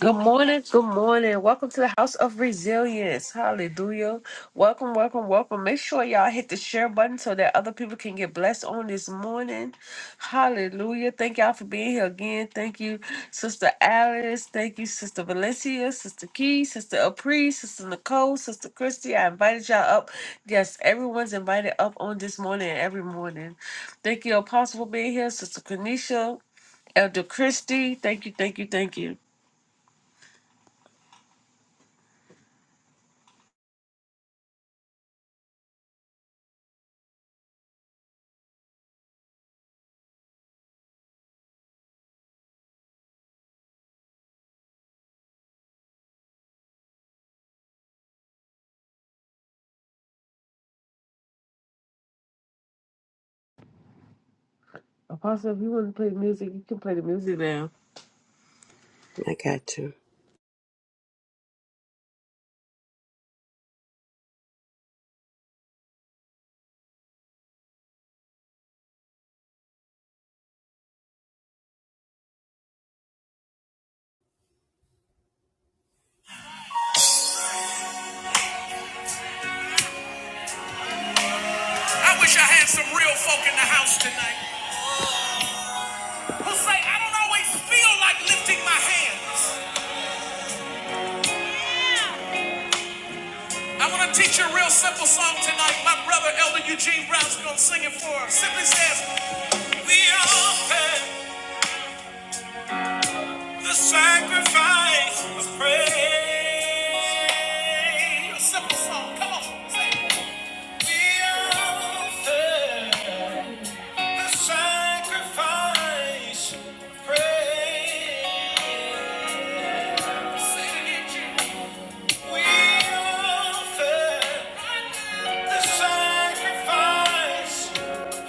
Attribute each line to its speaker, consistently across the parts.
Speaker 1: Good morning. Good morning. Welcome to the House of Resilience. Hallelujah. Welcome, welcome, welcome. Make sure y'all hit the share button so that other people can get blessed on this morning. Hallelujah. Thank y'all for being here again. Thank you, Sister Alice. Thank you, Sister Valencia, Sister Key, Sister Apri, Sister Nicole, Sister Christy. I invited y'all up. Yes, everyone's invited up on this morning, every morning. Thank you, Apostle, for being here, Sister Kanisha, Elder Christy. Thank you, thank you, thank you. Apostle, if you want to play music, you can play the music now.
Speaker 2: I got you. I wish I had some real folk in the house tonight who say, I don't always feel like lifting my hands. I want to teach you a real simple song tonight. My brother, Elder Eugene Brown's going to sing it for us. Simply says, We offer the sacrifice of praise. A simple song. Come on. Say it. We offer the sacrifice of praise. We offer the sacrifice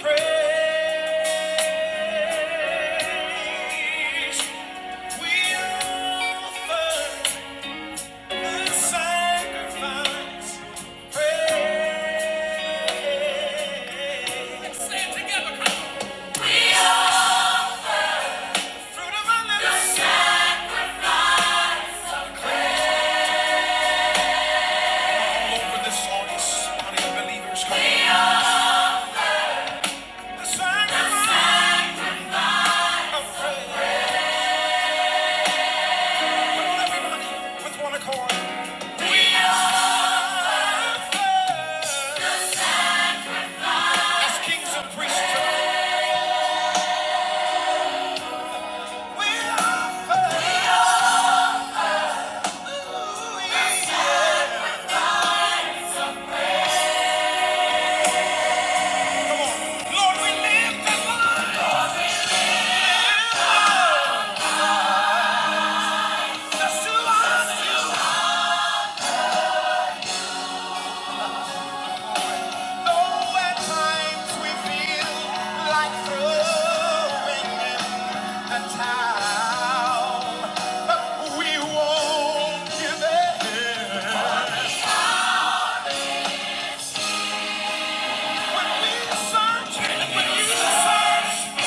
Speaker 2: praise. We offer the sacrifice praise. Fruit of our Over this audience, body of believers, come The sacrifice of praise. Everybody with one accord. As kings and priests, Lord, we live the life. Though at times we feel like throwing in the towel, we won't give in. When we search, when you search,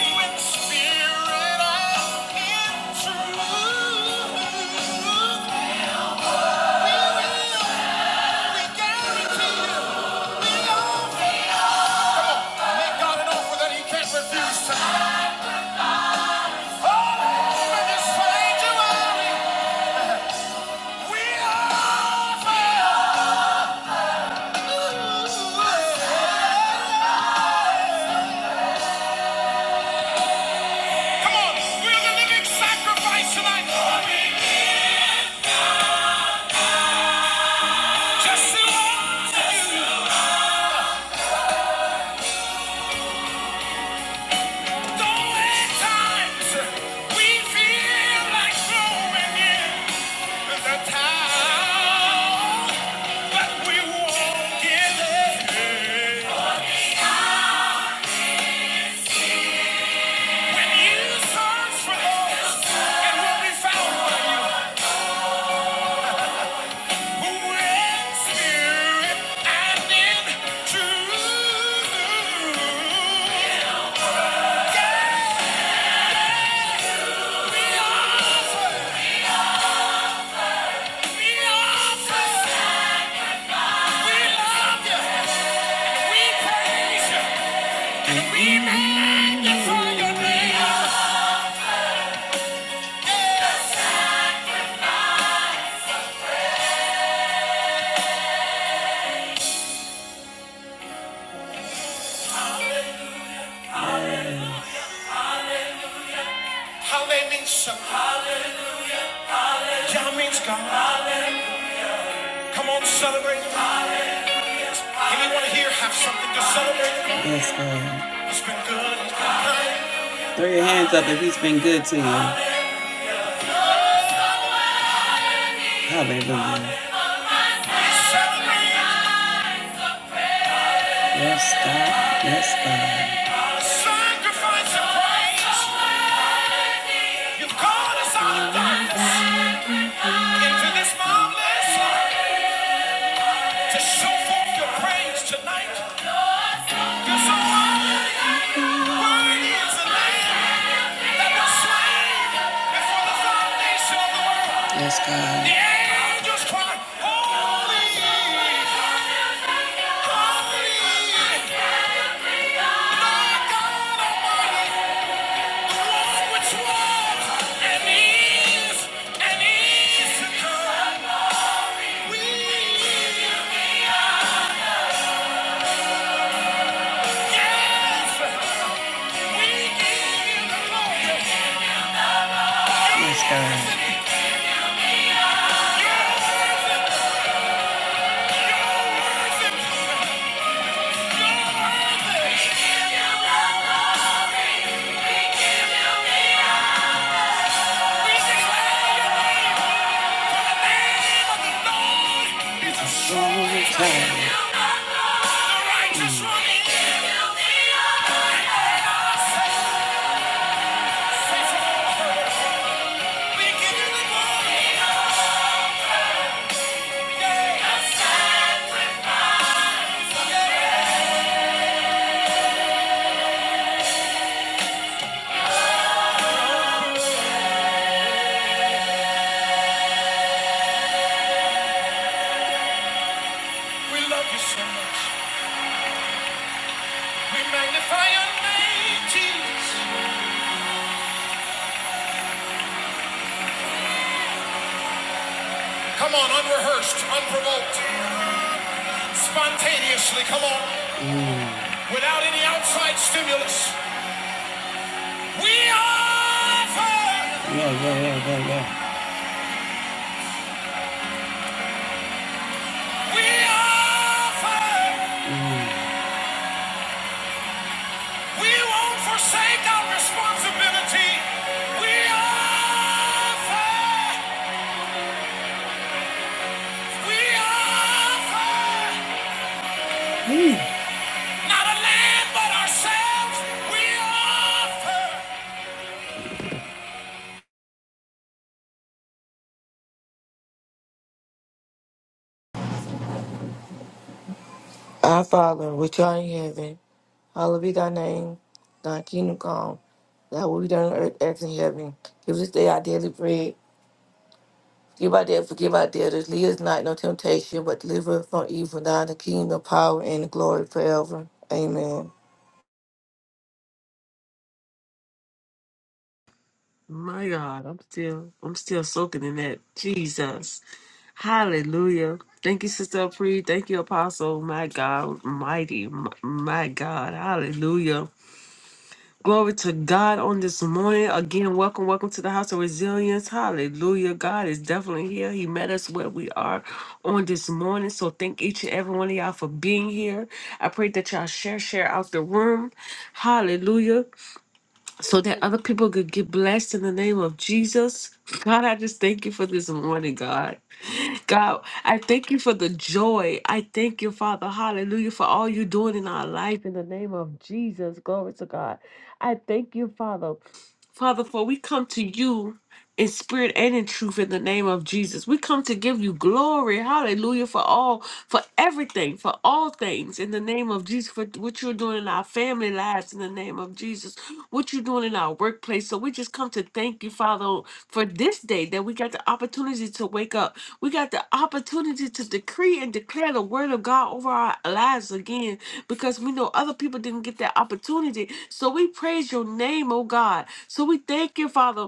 Speaker 2: in spirit and Come on, we're the living sacrifice tonight. Just say, Lord, We magnify your name. Hallelujah. John means God. Come on, celebrate. Anyone here have something to celebrate? Yes, God. He's been good. Throw your hands up if he's been good to you. Hallelujah. Yes, God. Yes, God. A Sacrifice of praise. You've called us out of darkness into this marvelous light to show forth your praise tonight. Yes, God. The angels cry, holy, holy, the one which was and is and is to come. We give you, Yes, we give you the glory. Yes, God. We give you the glory. We give you the honor. Come on, unrehearsed, unprovoked, spontaneously, come on, without any outside stimulus. We are. Yeah, yeah, yeah, yeah, yeah. We offer. We won't forsake our responsibility. We offer. We offer. Not a land, but ourselves. We offer.
Speaker 3: Our Father, which art in heaven, hallowed be thy name. Thy kingdom come, thy will be done on earth as in heaven. Give us this day our daily bread. Give our debt, forgive our debtors. Lead us not into temptation, but deliver us from evil. Thine is the kingdom, the power, and the glory forever. Amen.
Speaker 1: My God, I'm still, I'm still soaking in that. Jesus, Hallelujah! Thank you, Sister Pre. Thank you, Apostle. My God, mighty, m- my God, Hallelujah! Glory to God on this morning. Again, welcome, welcome to the House of Resilience. Hallelujah! God is definitely here. He met us where we are on this morning. So thank each and every one of y'all for being here. I pray that y'all share, share out the room. Hallelujah! so that other people could get blessed in the name of Jesus. God, I just thank you for this morning, God. God, I thank you for the joy. I thank you, Father. Hallelujah, for all you're doing in our life in the name of Jesus. Glory to God. I thank you, Father. Father, for we come to you in spirit and in truth in the name of Jesus. We come to give you glory. Hallelujah for all, for everything, for all things in the name of Jesus, for what you're doing in our family lives in the name of Jesus, what you're doing in our workplace. So we just come to thank you, Father, for this day that we got the opportunity to wake up. We got the opportunity to decree and declare the word of God over our lives again because we know other people didn't get that opportunity. So we praise your name, oh God. So we thank you, Father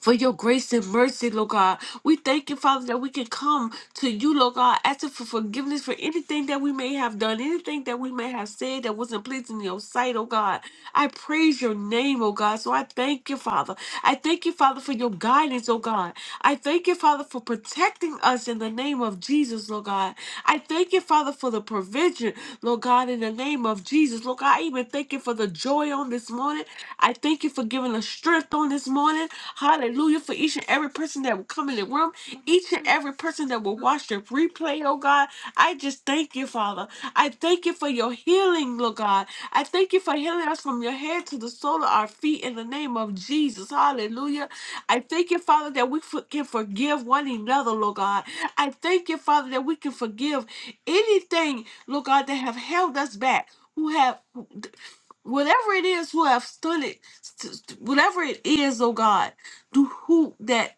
Speaker 1: for your grace and mercy, Lord God. We thank you, Father, that we can come to you, Lord God, asking for forgiveness for anything that we may have done, anything that we may have said that wasn't pleasing in your sight, oh God. I praise your name, oh God. So I thank you, Father. I thank you, Father, for your guidance, oh God. I thank you, Father, for protecting us in the name of Jesus, Lord God. I thank you, Father, for the provision, Lord God, in the name of Jesus. Lord God, I even thank you for the joy on this morning. I thank you for giving us strength on this morning. Hallelujah. For each and every person that will come in the room, each and every person that will watch the replay, oh God. I just thank you, Father. I thank you for your healing, Lord God. I thank you for healing us from your head to the sole of our feet in the name of Jesus. Hallelujah. I thank you, Father, that we for- can forgive one another, Lord God. I thank you, Father, that we can forgive anything, Lord God, that have held us back. Who have whatever it is who have stood it, st- st- whatever it is, oh God, do who that.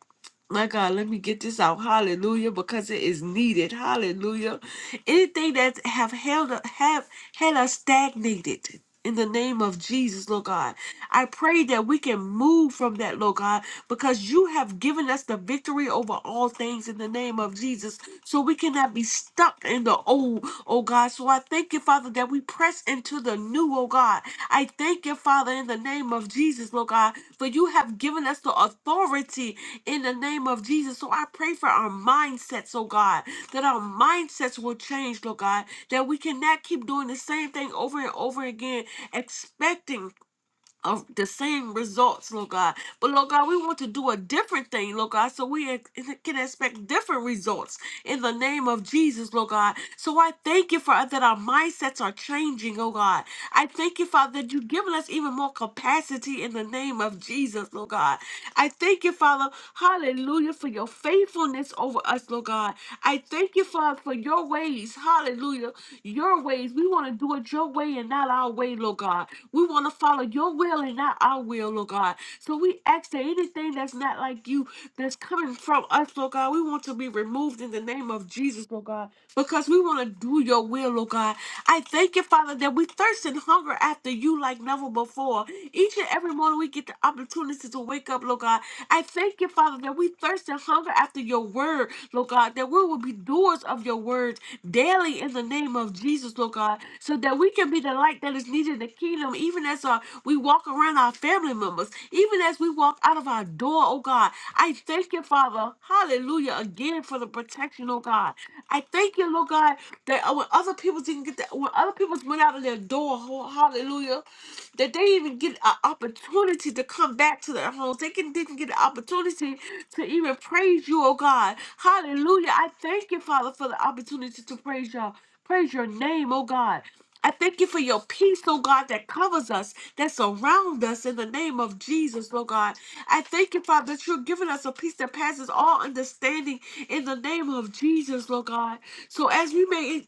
Speaker 1: My God, let me get this out. Hallelujah, because it is needed. Hallelujah. Anything that have held have had us stagnated in the name of Jesus, Lord God. I pray that we can move from that, Lord God, because you have given us the victory over all things in the name of Jesus so we cannot be stuck in the old, oh God. So I thank you, Father, that we press into the new, oh God. I thank you, Father, in the name of Jesus, Lord God, for you have given us the authority in the name of Jesus. So I pray for our mindsets, oh God, that our mindsets will change, Lord God, that we cannot keep doing the same thing over and over again, expecting of the same results, Lord God. But Lord God, we want to do a different thing, Lord God, so we ex- can expect different results in the name of Jesus, Lord God. So I thank you, Father, that our mindsets are changing, oh God. I thank you, Father, that you've given us even more capacity in the name of Jesus, Lord God. I thank you, Father, hallelujah, for your faithfulness over us, Lord God. I thank you, Father, for your ways, hallelujah, your ways. We want to do it your way and not our way, Lord God. We want to follow your will and not our will, Lord God. So we ask that anything that's not like you that's coming from us, Lord God, we want to be removed in the name of Jesus, Lord God, because we want to do your will, Lord God. I thank you, Father, that we thirst and hunger after you like never before. Each and every morning we get the opportunity to wake up, Lord God, I thank you, Father, that we thirst and hunger after your word, Lord God, that we will be doers of your words daily in the name of Jesus, Lord God, so that we can be the light that is needed in the kingdom, even as uh, we walk around our family members, even as we walk out of our door, oh God. I thank you, Father, hallelujah, again for the protection, oh God. I thank you, Lord God, that uh, when other people didn't get that, when other people went out of their door, oh, hallelujah that they even get an opportunity to come back to their homes. They can didn't get an opportunity to even praise you, oh God. Hallelujah. I thank you, Father, for the opportunity to praise you. Praise your name, oh God. I thank you for your peace, oh God, that covers us, that surrounds us in the name of Jesus, oh God. I thank you, Father, that you're giving us a peace that passes all understanding in the name of Jesus, Lord God. So as we may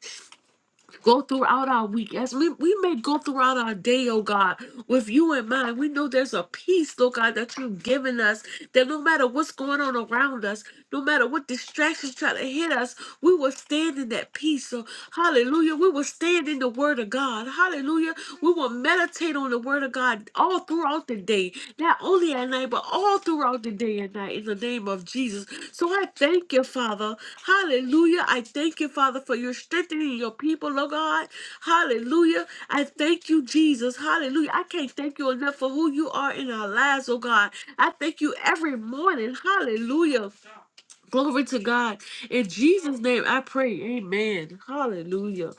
Speaker 1: go throughout our week as we, we may go throughout our day, oh God, with you in mind. We know there's a peace, oh God, that you've given us that no matter what's going on around us, no matter what distractions try to hit us, we will stand in that peace. So hallelujah. We will stand in the word of God. Hallelujah. We will meditate meditate on the word of God all throughout the day, not only at night, but all throughout the day and night in the name of Jesus. So I thank you, Father. Hallelujah. I thank you, Father, for your strengthening your people, oh God. Hallelujah. I thank you, Jesus. Hallelujah. I can't thank you enough for who you are in our lives, oh God. I thank you every morning. Hallelujah. Glory to God. In Jesus' name I pray. Amen. Hallelujah.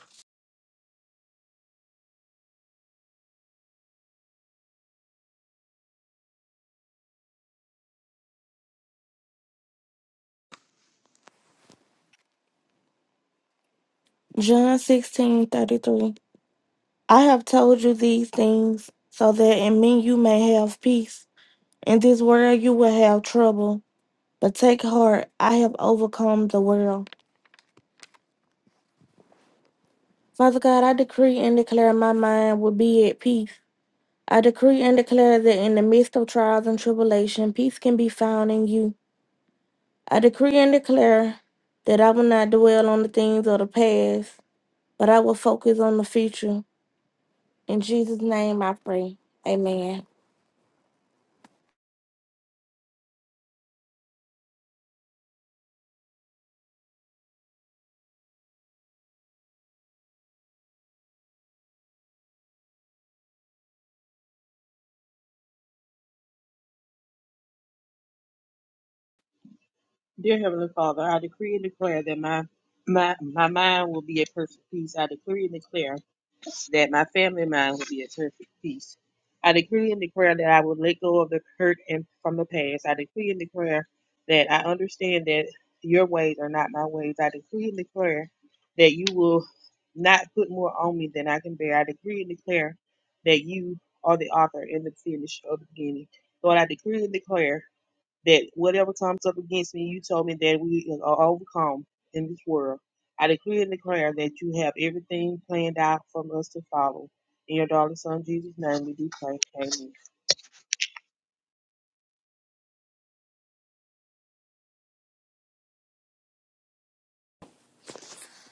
Speaker 4: John sixteen thirty three. I have told you these things so that in me you may have peace. In this world you will have trouble, but take heart, I have overcome the world. Father God, I decree and declare my mind will be at peace. I decree and declare that in the midst of trials and tribulation, peace can be found in you. I decree and declare that I will not dwell on the things of the past, but I will focus on the future. In Jesus' name I pray. Amen.
Speaker 5: Dear Heavenly Father, I decree and declare that my my my mind will be at perfect peace. I decree and declare that my family mind will be at perfect peace. I decree and declare that I will let go of the hurt and from the past. I decree and declare that I understand that your ways are not my ways. I decree and declare that you will not put more on me than I can bear. I decree and declare that you are the author and the finish of the beginning. Lord, I decree and declare that whatever comes up against me, you told me that we are overcome in this world. I decree and declare that you have everything planned out from us to follow. In your darling son Jesus' name, we do pray. Amen.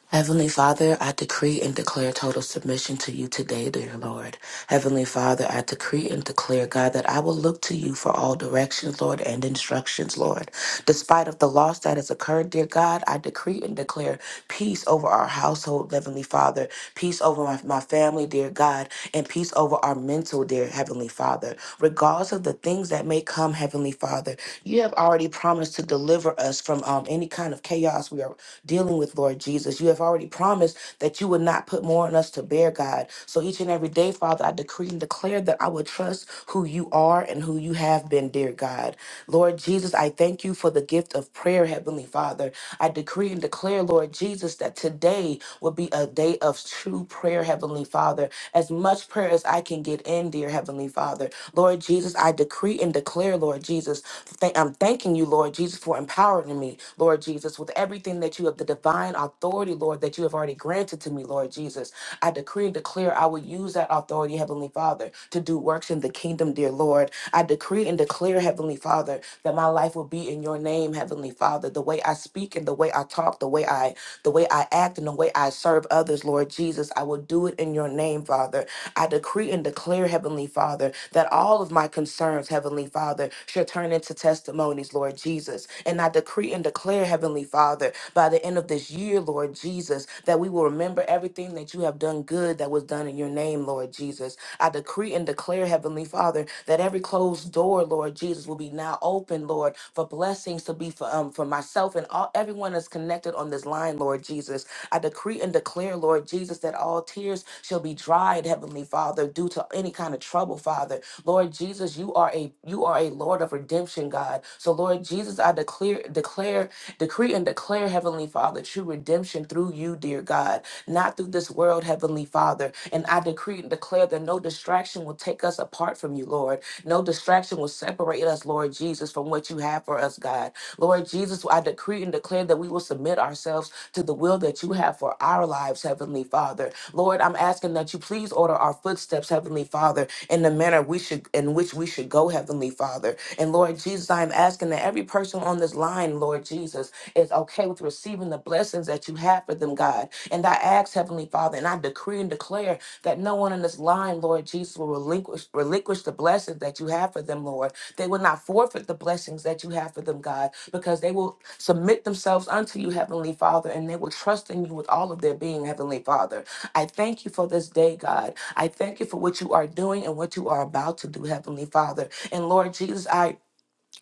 Speaker 6: Heavenly Father, I decree and declare total submission to you today, dear Lord. Heavenly Father, I decree and declare, God, that I will look to you for all directions, Lord, and instructions, Lord. Despite of the loss that has occurred, dear God, I decree and declare peace over our household, Heavenly Father, peace over my, my family, dear God, and peace over our mental, dear Heavenly Father. Regardless of the things that may come, Heavenly Father, you have already promised to deliver us from um, any kind of chaos we are dealing with, Lord Jesus. You have already promised that you would not put more on us to bear, God. So each and every day, Father, I decree and declare that I will trust who you are and who you have been, dear God. Lord Jesus, I thank you for the gift of prayer, Heavenly Father. I decree and declare, Lord Jesus, that today will be a day of true prayer, Heavenly Father as much prayer as I can get in, dear Heavenly Father. Lord Jesus, I decree and declare, Lord Jesus, thank- I'm thanking you, Lord Jesus, for empowering me, Lord Jesus, with everything that you have, the divine authority, Lord, that you have already granted to me, Lord Jesus. I decree and declare I will use that authority, Heavenly Father, to do works in the kingdom, dear Lord. I decree and declare, Heavenly Father, that my life will be in your name, Heavenly Father. The way I speak and the way I talk, the way I the way I act and the way I serve others, Lord Jesus. I will do it in your name, Father. I decree and declare, Heavenly Father, that all of my concerns, Heavenly Father, shall turn into testimonies, Lord Jesus. And I decree and declare, Heavenly Father, by the end of this year, Lord Jesus, that we will remember everything that you have done good that was done in your name, Lord Jesus I decree and declare, Heavenly Father, that every closed door, Lord Jesus, will be now open, Lord, for blessings to be for um for myself and all everyone that's connected on this line, Lord Jesus. I decree and declare, Lord Jesus, that all tears shall be dried, Heavenly Father, due to any kind of trouble, Father. Lord Jesus, you are a you are a Lord of redemption, God. So Lord Jesus, I declare declare decree and declare, Heavenly Father, true redemption through you, dear God not through this world, Heavenly Father. And I decree and declare that no distraction will take us apart from you, Lord. No distraction will separate us, Lord Jesus, from what you have for us, God. Lord Jesus, I decree and declare that we will submit ourselves to the will that you have for our lives, Heavenly Father. Lord, I'm asking that you please order our footsteps, Heavenly Father, in the manner we should in which we should go, Heavenly Father. And Lord Jesus, I am asking that every person on this line, Lord Jesus, is okay with receiving the blessings that you have for them, God and I ask, Heavenly Father, and I decree and declare that no one in this line, Lord Jesus, will relinquish, relinquish the blessings that you have for them, Lord. They will not forfeit the blessings that you have for them, God, because they will submit themselves unto you, Heavenly Father, and they will trust in you with all of their being, Heavenly Father. I thank you for this day, God. I thank you for what you are doing and what you are about to do, Heavenly Father. And Lord Jesus, I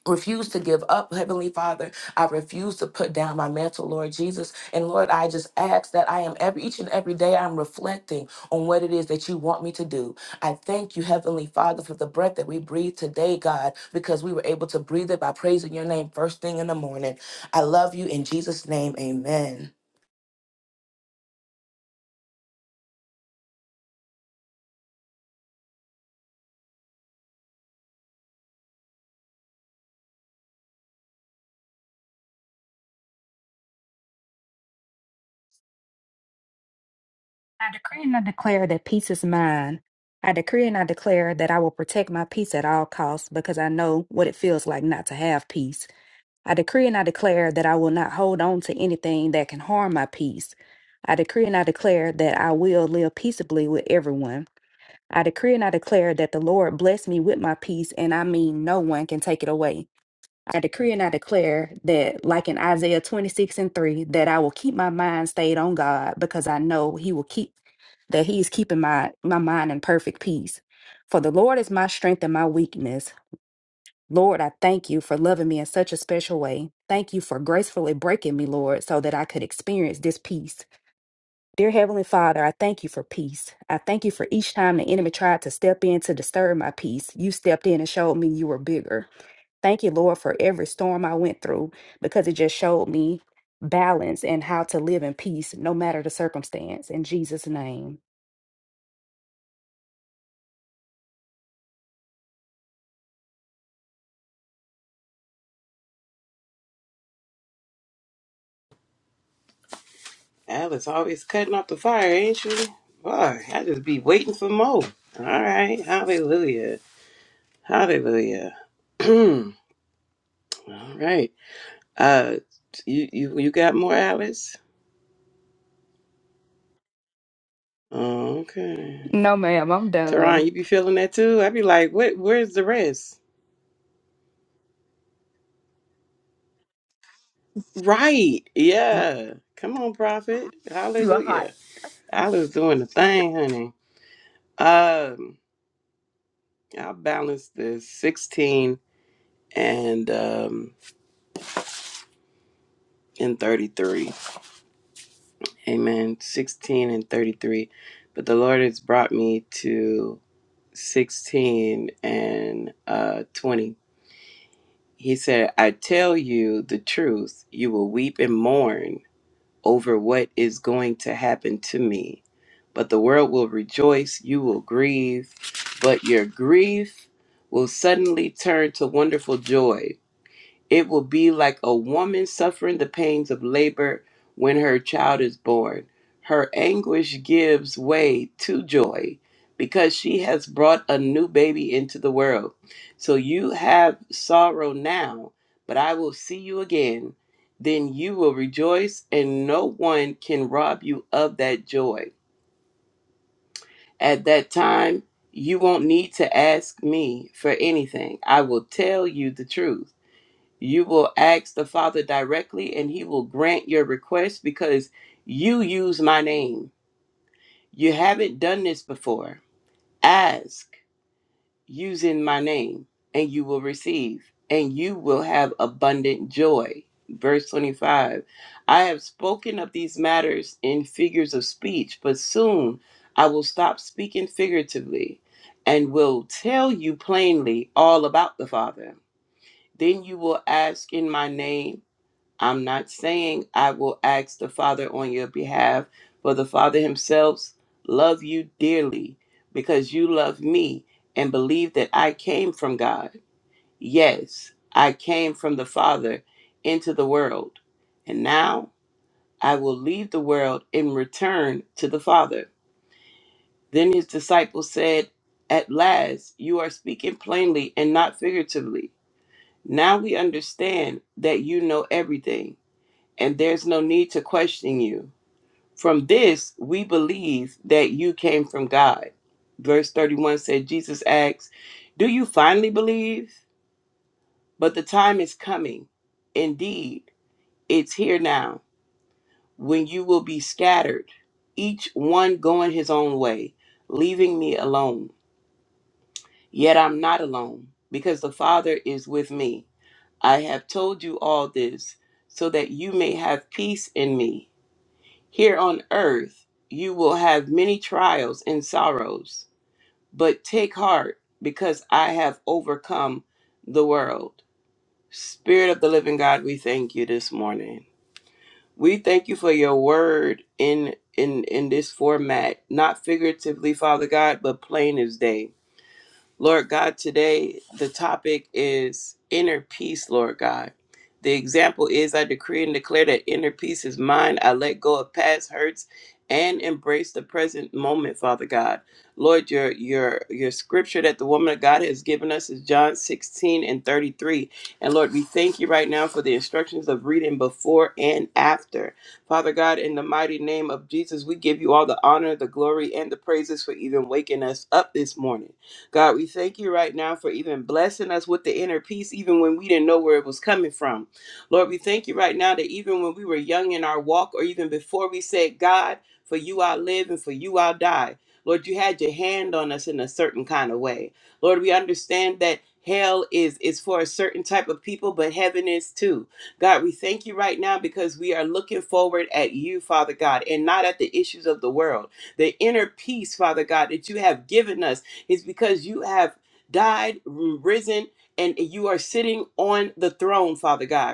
Speaker 6: refuse to give up, Heavenly Father. I refuse to put down my mantle, Lord Jesus. And Lord, I just ask that I am every each and every day I'm reflecting on what it is that you want me to do. I thank you, Heavenly Father, for the breath that we breathe today, God, because we were able to breathe it by praising your name first thing in the morning. I love you in Jesus' name. Amen.
Speaker 7: I decree and I declare that peace is mine. I decree and I declare that I will protect my peace at all costs because I know what it feels like not to have peace. I decree and I declare that I will not hold on to anything that can harm my peace. I decree and I declare that I will live peaceably with everyone. I decree and I declare that the Lord bless me with my peace, and I mean no one can take it away. I decree and I declare that, like in Isaiah 26 and 3, that I will keep my mind stayed on God because I know He will keep, that He is keeping my, my mind in perfect peace. For the Lord is my strength and my weakness. Lord, I thank you for loving me in such a special way. Thank you for gracefully breaking me, Lord, so that I could experience this peace. Dear Heavenly Father, I thank you for peace. I thank you for each time the enemy tried to step in to disturb my peace. You stepped in and showed me you were bigger. Thank you, Lord, for every storm I went through because it just showed me balance and how to live in peace no matter the circumstance. In Jesus' name.
Speaker 2: Alice always cutting up the fire, ain't she? Boy, I just be waiting for more. All right, hallelujah, hallelujah. All right, uh, you you you got more, Alice? Oh, Okay.
Speaker 7: No, ma'am, I'm done.
Speaker 2: Teron, you be feeling that too? I be like, what? Where's the rest? Right? Yeah. Come on, prophet.
Speaker 1: you, are hot.
Speaker 2: Hallelujah. I was doing the thing, honey. Um, I balanced the sixteen and um and thirty three. Amen. Sixteen and thirty three, but the Lord has brought me to sixteen and uh twenty. He said, "I tell you the truth. You will weep and mourn." over what is going to happen to me. But the world will rejoice, you will grieve, but your grief will suddenly turn to wonderful joy. It will be like a woman suffering the pains of labor when her child is born. Her anguish gives way to joy because she has brought a new baby into the world. So you have sorrow now, but I will see you again. Then you will rejoice, and no one can rob you of that joy. At that time, you won't need to ask me for anything. I will tell you the truth. You will ask the Father directly, and He will grant your request because you use my name. You haven't done this before. Ask using my name, and you will receive, and you will have abundant joy. Verse 25 I have spoken of these matters in figures of speech, but soon I will stop speaking figuratively and will tell you plainly all about the Father. Then you will ask in my name I'm not saying I will ask the Father on your behalf, for the Father himself love you dearly because you love me and believe that I came from God. Yes, I came from the Father into the world. And now I will leave the world and return to the Father. Then his disciples said, At last, you are speaking plainly and not figuratively. Now we understand that you know everything and there's no need to question you. From this, we believe that you came from God. Verse 31 said, Jesus asks, Do you finally believe? But the time is coming. Indeed, it's here now when you will be scattered, each one going his own way, leaving me alone. Yet I'm not alone, because the Father is with me. I have told you all this so that you may have peace in me. Here on earth you will have many trials and sorrows, but take heart because I have overcome the world. Spirit of the living God, we thank you this morning. We thank you for your word in in in this format, not figuratively, Father God, but plain as day. Lord God, today the topic is inner peace, Lord God. The example is I decree and declare that inner peace is mine. I let go of past hurts and embrace the present moment, Father God. Lord, your your your scripture that the woman of God has given us is John 16 and 33. And Lord, we thank you right now for the instructions of reading before and after. Father God, in the mighty name of Jesus, we give you all the honor, the glory, and the praises for even waking us up this morning. God, we thank you right now for even blessing us with the inner peace, even when we didn't know where it was coming from. Lord, we thank you right now that even when we were young in our walk, or even before we said, God, for you I live and for you I'll die. Lord, you had your hand on us in a certain kind of way. Lord, we understand that hell is is for a certain type of people, but heaven is too. God, we thank you right now because we are looking forward at you, Father God, and not at the issues of the world. The inner peace, Father God, that you have given us it's because you have died, risen, and you are sitting on the throne, Father God.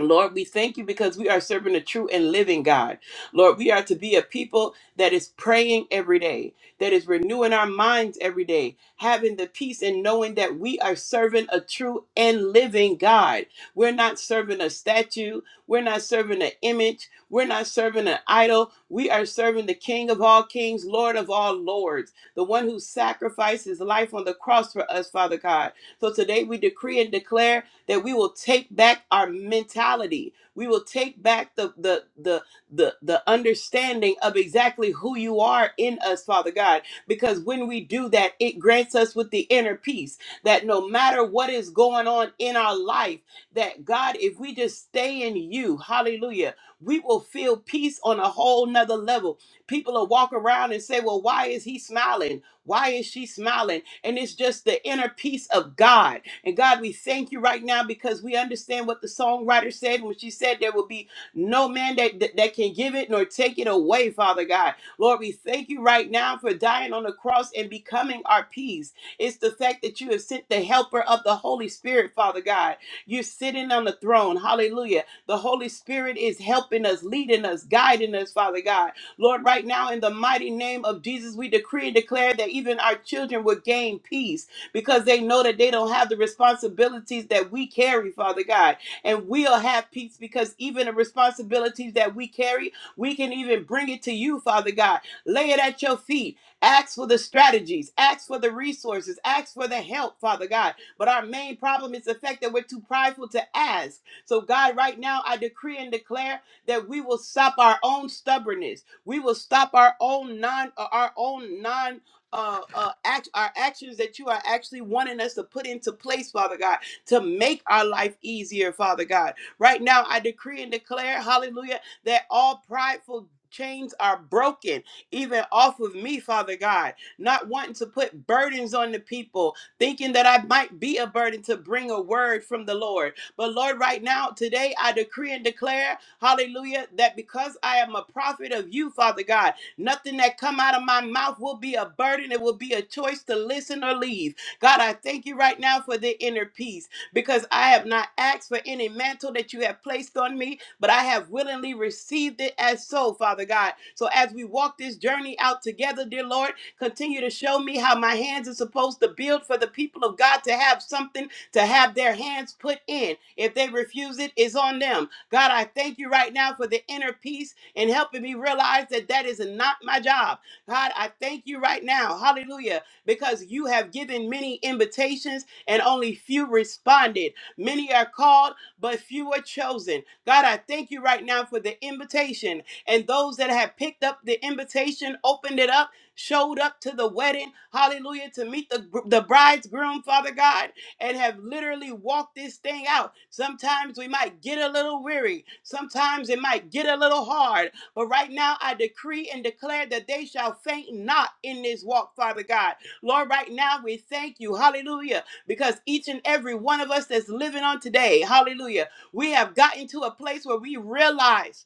Speaker 2: Lord, we thank you because we are serving a true and living God. Lord, we are to be a people that is praying every day, that is renewing our minds every day, having the peace and knowing that we are serving a true and living God. We're not serving a statue, we're not serving an image, we're not serving an idol. We are serving the King of all kings, Lord of all lords, the one who sacrificed his life on the cross for us, Father God. So today we decree and declare that we will take back our mentality. We will take back the the the the, the understanding of exactly who you are in us, Father God. Because when we do that, it grants us with the inner peace that no matter what is going on in our life, that God, if we just stay in you, hallelujah, we will feel peace on a whole nother level. People will walk around and say, Well, why is he smiling? Why is she smiling? And it's just the inner peace of God and God, we thank you right now because we understand what the songwriter said when she said there will be no man that, that, that can give it nor take it away, Father God. Lord, we thank you right now for dying on the cross and becoming our peace. It's the fact that you have sent the helper of the Holy Spirit, Father God. You're sitting on the throne. Hallelujah. The Holy Spirit is helping us, leading us, guiding us, Father God. Lord, right now, in the mighty name of Jesus, we decree and declare that even our children will gain peace because they know that they don't have the responsibilities that we carry, Father God. And we'll have peace because even the responsibilities that we carry, we can even bring it to you, Father God. Lay it at your feet. Ask for the strategies, ask for the resources, ask for the help, Father God. But our main problem is the fact that we're too prideful to ask. So, God, right now, I decree and declare that we will stop our own stubbornness. We will stop our own non our own non uh, uh, act, our actions that you are actually wanting us to put into place, Father God, to make our life easier, Father God. Right now, I decree and declare, hallelujah, that all prideful chains are broken, even off of me, Father God. Not wanting to put burdens on the people, thinking that I might be a burden to bring a word from the Lord. But Lord, right now, today, I decree and declare, hallelujah, that because I am a prophet of you, Father God, Nothing that come out of my mouth will be a burden. It will be a choice to listen or leave. God, I thank you right now for the inner peace because I have not asked for any mantle that you have placed on me, but I have willingly received it as so, Father God. So as we walk this journey out together, dear Lord, continue to show me how my hands are supposed to build for the people of God to have something something to have their hands put in. If they refuse it, it's on them. God, I thank you right now for the inner peace and helping me realize that that is not my job. God, I thank you right now. Hallelujah. Because you have given many invitations and only few responded. Many are called, but few are chosen. God, I thank you right now for the invitation and those that have picked up the invitation, opened it up, showed up to the wedding. Hallelujah. To meet the, the bridegroom, Father God and have literally walked this thing out. Sometimes we might get a little weary, sometimes it might get a little hard, but right now I decree and declare that they shall faint not in this walk, Father God. Lord, right now we thank you, hallelujah, because each and every one of us that's living on today, hallelujah, we have gotten to a place where we realize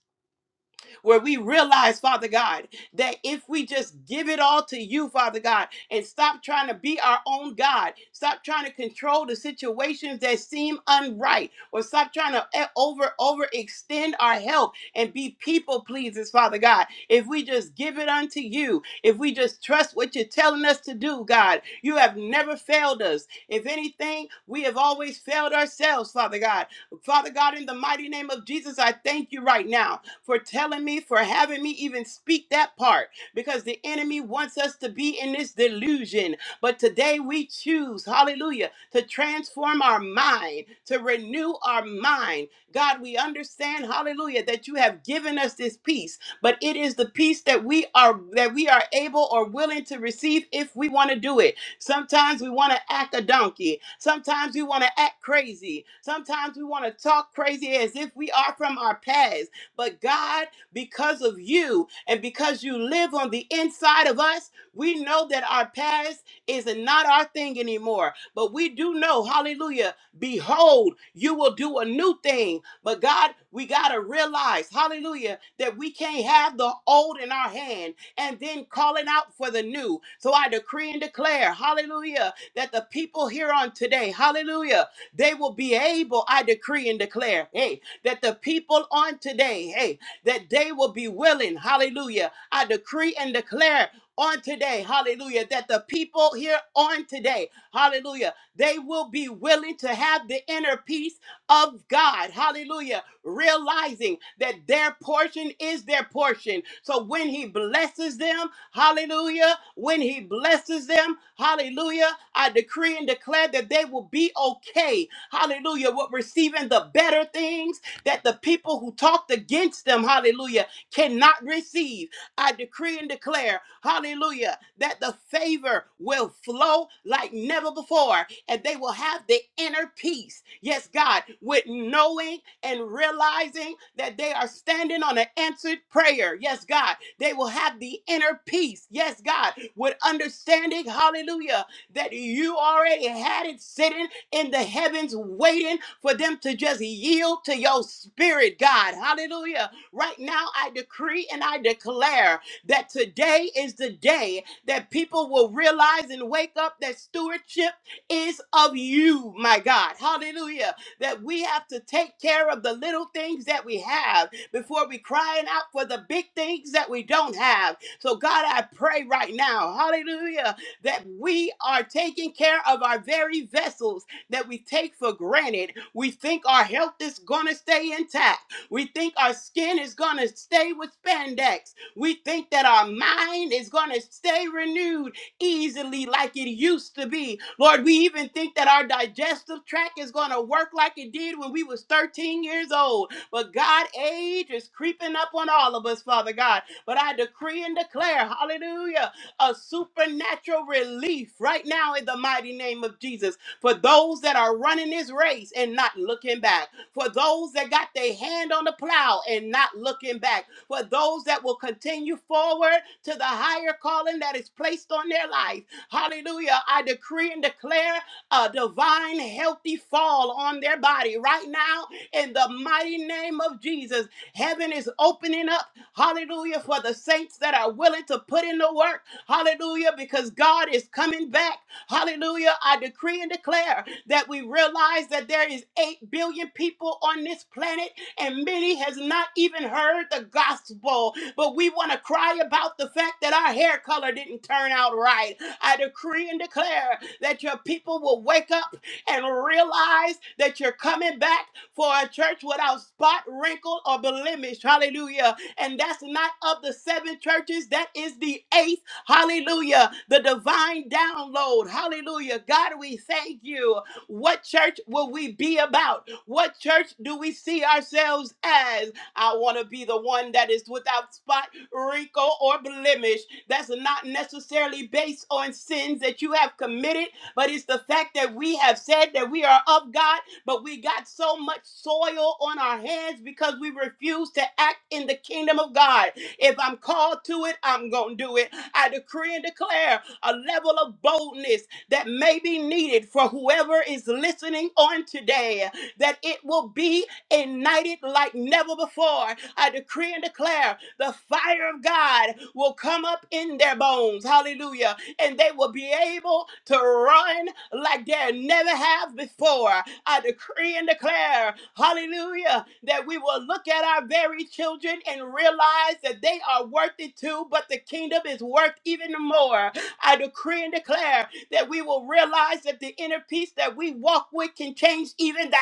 Speaker 2: where we realize, Father God, that if we just give it all to you, Father God, and stop trying to be our own God, stop trying to control the situations that seem unright, or stop trying to e- over overextend our help and be people pleasers, Father God. If we just give it unto you, if we just trust what you're telling us to do, God, you have never failed us. If anything, we have always failed ourselves, Father. Father God. Father God, in the mighty name of Jesus, I thank you right now for telling me, for having me even speak that part, because the enemy wants us to be in this delusion. But today we choose, hallelujah, to transform our mind, to renew our mind. God, we understand, hallelujah, that you have given us this peace, but it is the peace that we are that we are able or willing to receive if we want to do it. Sometimes we want to act a donkey. Sometimes we want to act crazy. Sometimes we want to talk crazy as if we are from our past. But God, because of you and because you live on the inside of us, we know that our past is not our thing anymore. But we do know, hallelujah, behold, you will do a new thing. But God, we got to realize, hallelujah, that we can't have the old in our hand and then calling out for the new. So I decree and declare, hallelujah, that the people here on today, hallelujah, they will be able, I decree and declare, hey, that the people on today, hey, that they will be willing, hallelujah, I decree and declare on today. Hallelujah hallelujah, that the people here on today, hallelujah, they will be willing to have the inner peace of God, hallelujah, realizing that their portion is their portion. So when He blesses them, hallelujah, when He blesses them, hallelujah, I decree and declare that they will be okay, hallelujah, with receiving the better things that the people who talked against them, hallelujah, cannot receive. I decree and declare. Hallelujah. That the favor will flow like never before and they will have the inner peace. Yes, God, with knowing and realizing that they are standing on an answered prayer. Yes, God, they will have the inner peace. Yes, God, with understanding, hallelujah, that you already had it sitting in the heavens waiting for them to just yield to your spirit, God. Hallelujah. Right now, I decree and I declare that today is the day that people will realize and wake up that stewardship is of you, my God. Hallelujah. That we have to take care of the little things that we have before we crying out for the big things that we don't have. So God, I pray right now, hallelujah, that we are taking care of our very vessels that we take for granted. We think our health is going to stay intact. We think our skin is going to stay with spandex. We think that our mind is going to stay renewed easily like it used to be. Lord, we even think that our digestive tract is going to work like it did when we was 13 years old. But God, age is creeping up on all of us, Father God. But I decree and declare, hallelujah, a supernatural relief right now in the mighty name of Jesus for those that are running this race and not looking back, for those that got their hand on the plow and not looking back, for those that will continue forward to the higher calling that is placed on their life. Hallelujah. I decree and declare a divine, healthy fall on their body right now in the mighty name of Jesus, heaven is opening up, hallelujah, for the saints that are willing to put in the work, hallelujah, because God is coming back, hallelujah. I decree and declare that we realize that there is 8 billion people on this planet and many has not even heard the gospel, but we want to cry about the fact that our heritage hair color didn't turn out right, I decree and declare that your people will wake up and realize that you're coming back for a church without spot, wrinkle, or blemish. Hallelujah. And that's not of the seven churches, that is the eighth. Hallelujah. The divine download. Hallelujah. God, we thank you. What church will we be about? What church do we see ourselves as? I want to be the one that is without spot, wrinkle, or blemish. That's not necessarily based on sins that you have committed, but it's the fact that we have said that we are of God, but we got so much soil on our hands because we refuse to act in the kingdom of God. If I'm called to it, I'm going to do it. I decree and declare a level of boldness that may be needed for whoever is listening on today, that it will be ignited like never before. I decree and declare the fire of God will come up in their bones. Hallelujah and they will be able to run like they never have before. I decree and declare, hallelujah, that we will look at our very children and realize that they are worth it too, but the kingdom is worth even more. I decree and declare that we will realize that the inner peace that we walk with can change even the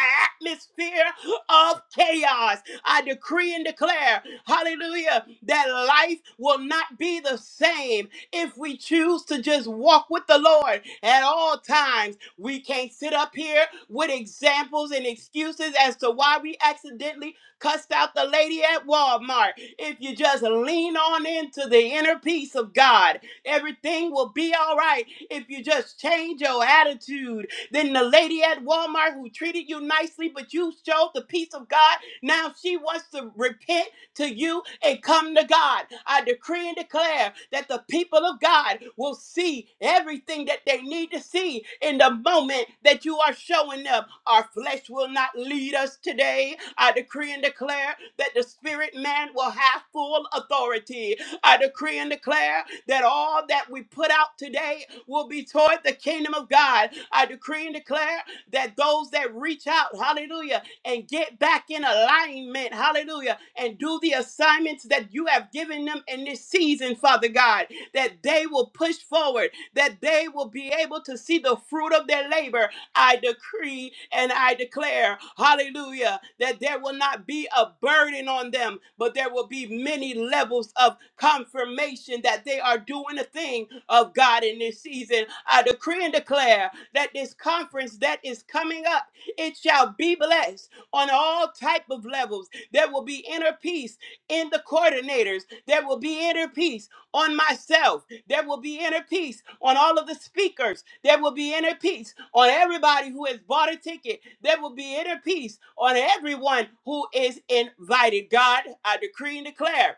Speaker 2: atmosphere of chaos. I decree and declare, hallelujah, that life will not be the same if we choose to just walk with the Lord at all times. We can't sit up here with examples and excuses as to why we accidentally cussed out the lady at Walmart. If you just lean on into the inner peace of God, everything will be all right. If you just change your attitude, then the lady at Walmart who treated you nicely, but you showed the peace of God, now she wants to repent to you and come to God. I decree and declare that the people of God will see everything that what they need to see in the moment that you are showing up. Our flesh will not lead us today. I decree and declare that the spirit man will have full authority. I decree and declare that all that we put out today will be toward the kingdom of God. I decree and declare that those that reach out, hallelujah, and get back in alignment, hallelujah, and and do the assignments that you have given them in this season, Father God, that they will push forward, that they will be able to see the fruit of their labor. I decree and I declare, hallelujah, that there will not be a burden on them, but there will be many levels of confirmation that they are doing a thing of God in this season. I decree and declare that this conference that is coming up, it shall be blessed on all type of levels. There will be inner peace in the coordinators. There will be inner peace on myself. There will be inner peace on all of the speakers. There will be inner peace on everybody who has bought a ticket. There will be inner peace on everyone who is invited. God, I decree and declare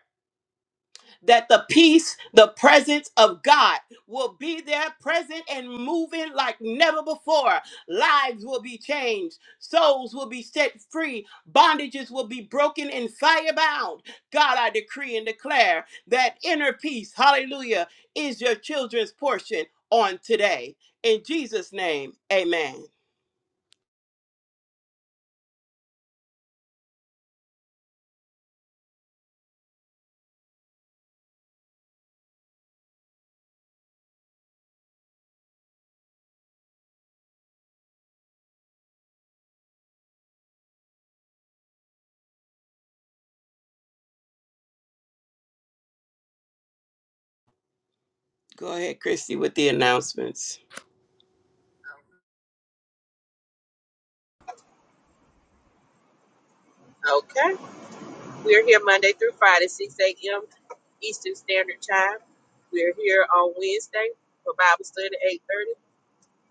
Speaker 2: that the peace, the presence of God will be there present and moving like never before. Lives will be changed, souls will be set free, bondages will be broken and firebound. God, I decree and declare that inner peace, hallelujah, is your children's portion on today. In Jesus' name, amen. Go ahead, Christy, with the announcements.
Speaker 5: Okay. We're here Monday through Friday, 6 a.m. Eastern Standard Time. We're here on Wednesday for Bible study at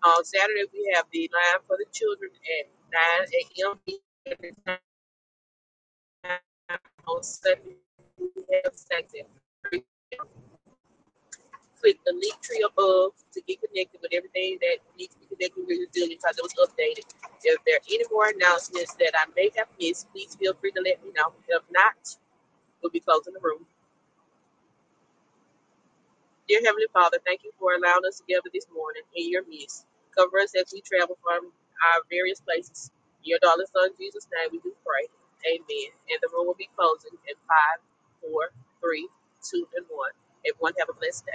Speaker 5: 8.30. On Saturday, we have the line for the children at 9 a.m. Eastern Time. On Sunday, we have sex at click the link tree above to get connected with everything that needs to be connected with Resilient because it was updated. If there are any more announcements that I may have missed, please feel free to let me know. If not, we'll be closing the room. Dear Heavenly Father, thank you for allowing us together this morning in your midst. Cover us as we travel from our various places. In your darling son, Jesus' name, we do pray. Amen. And the room will be closing in five, four, three, two, and one. Everyone have a blessed day.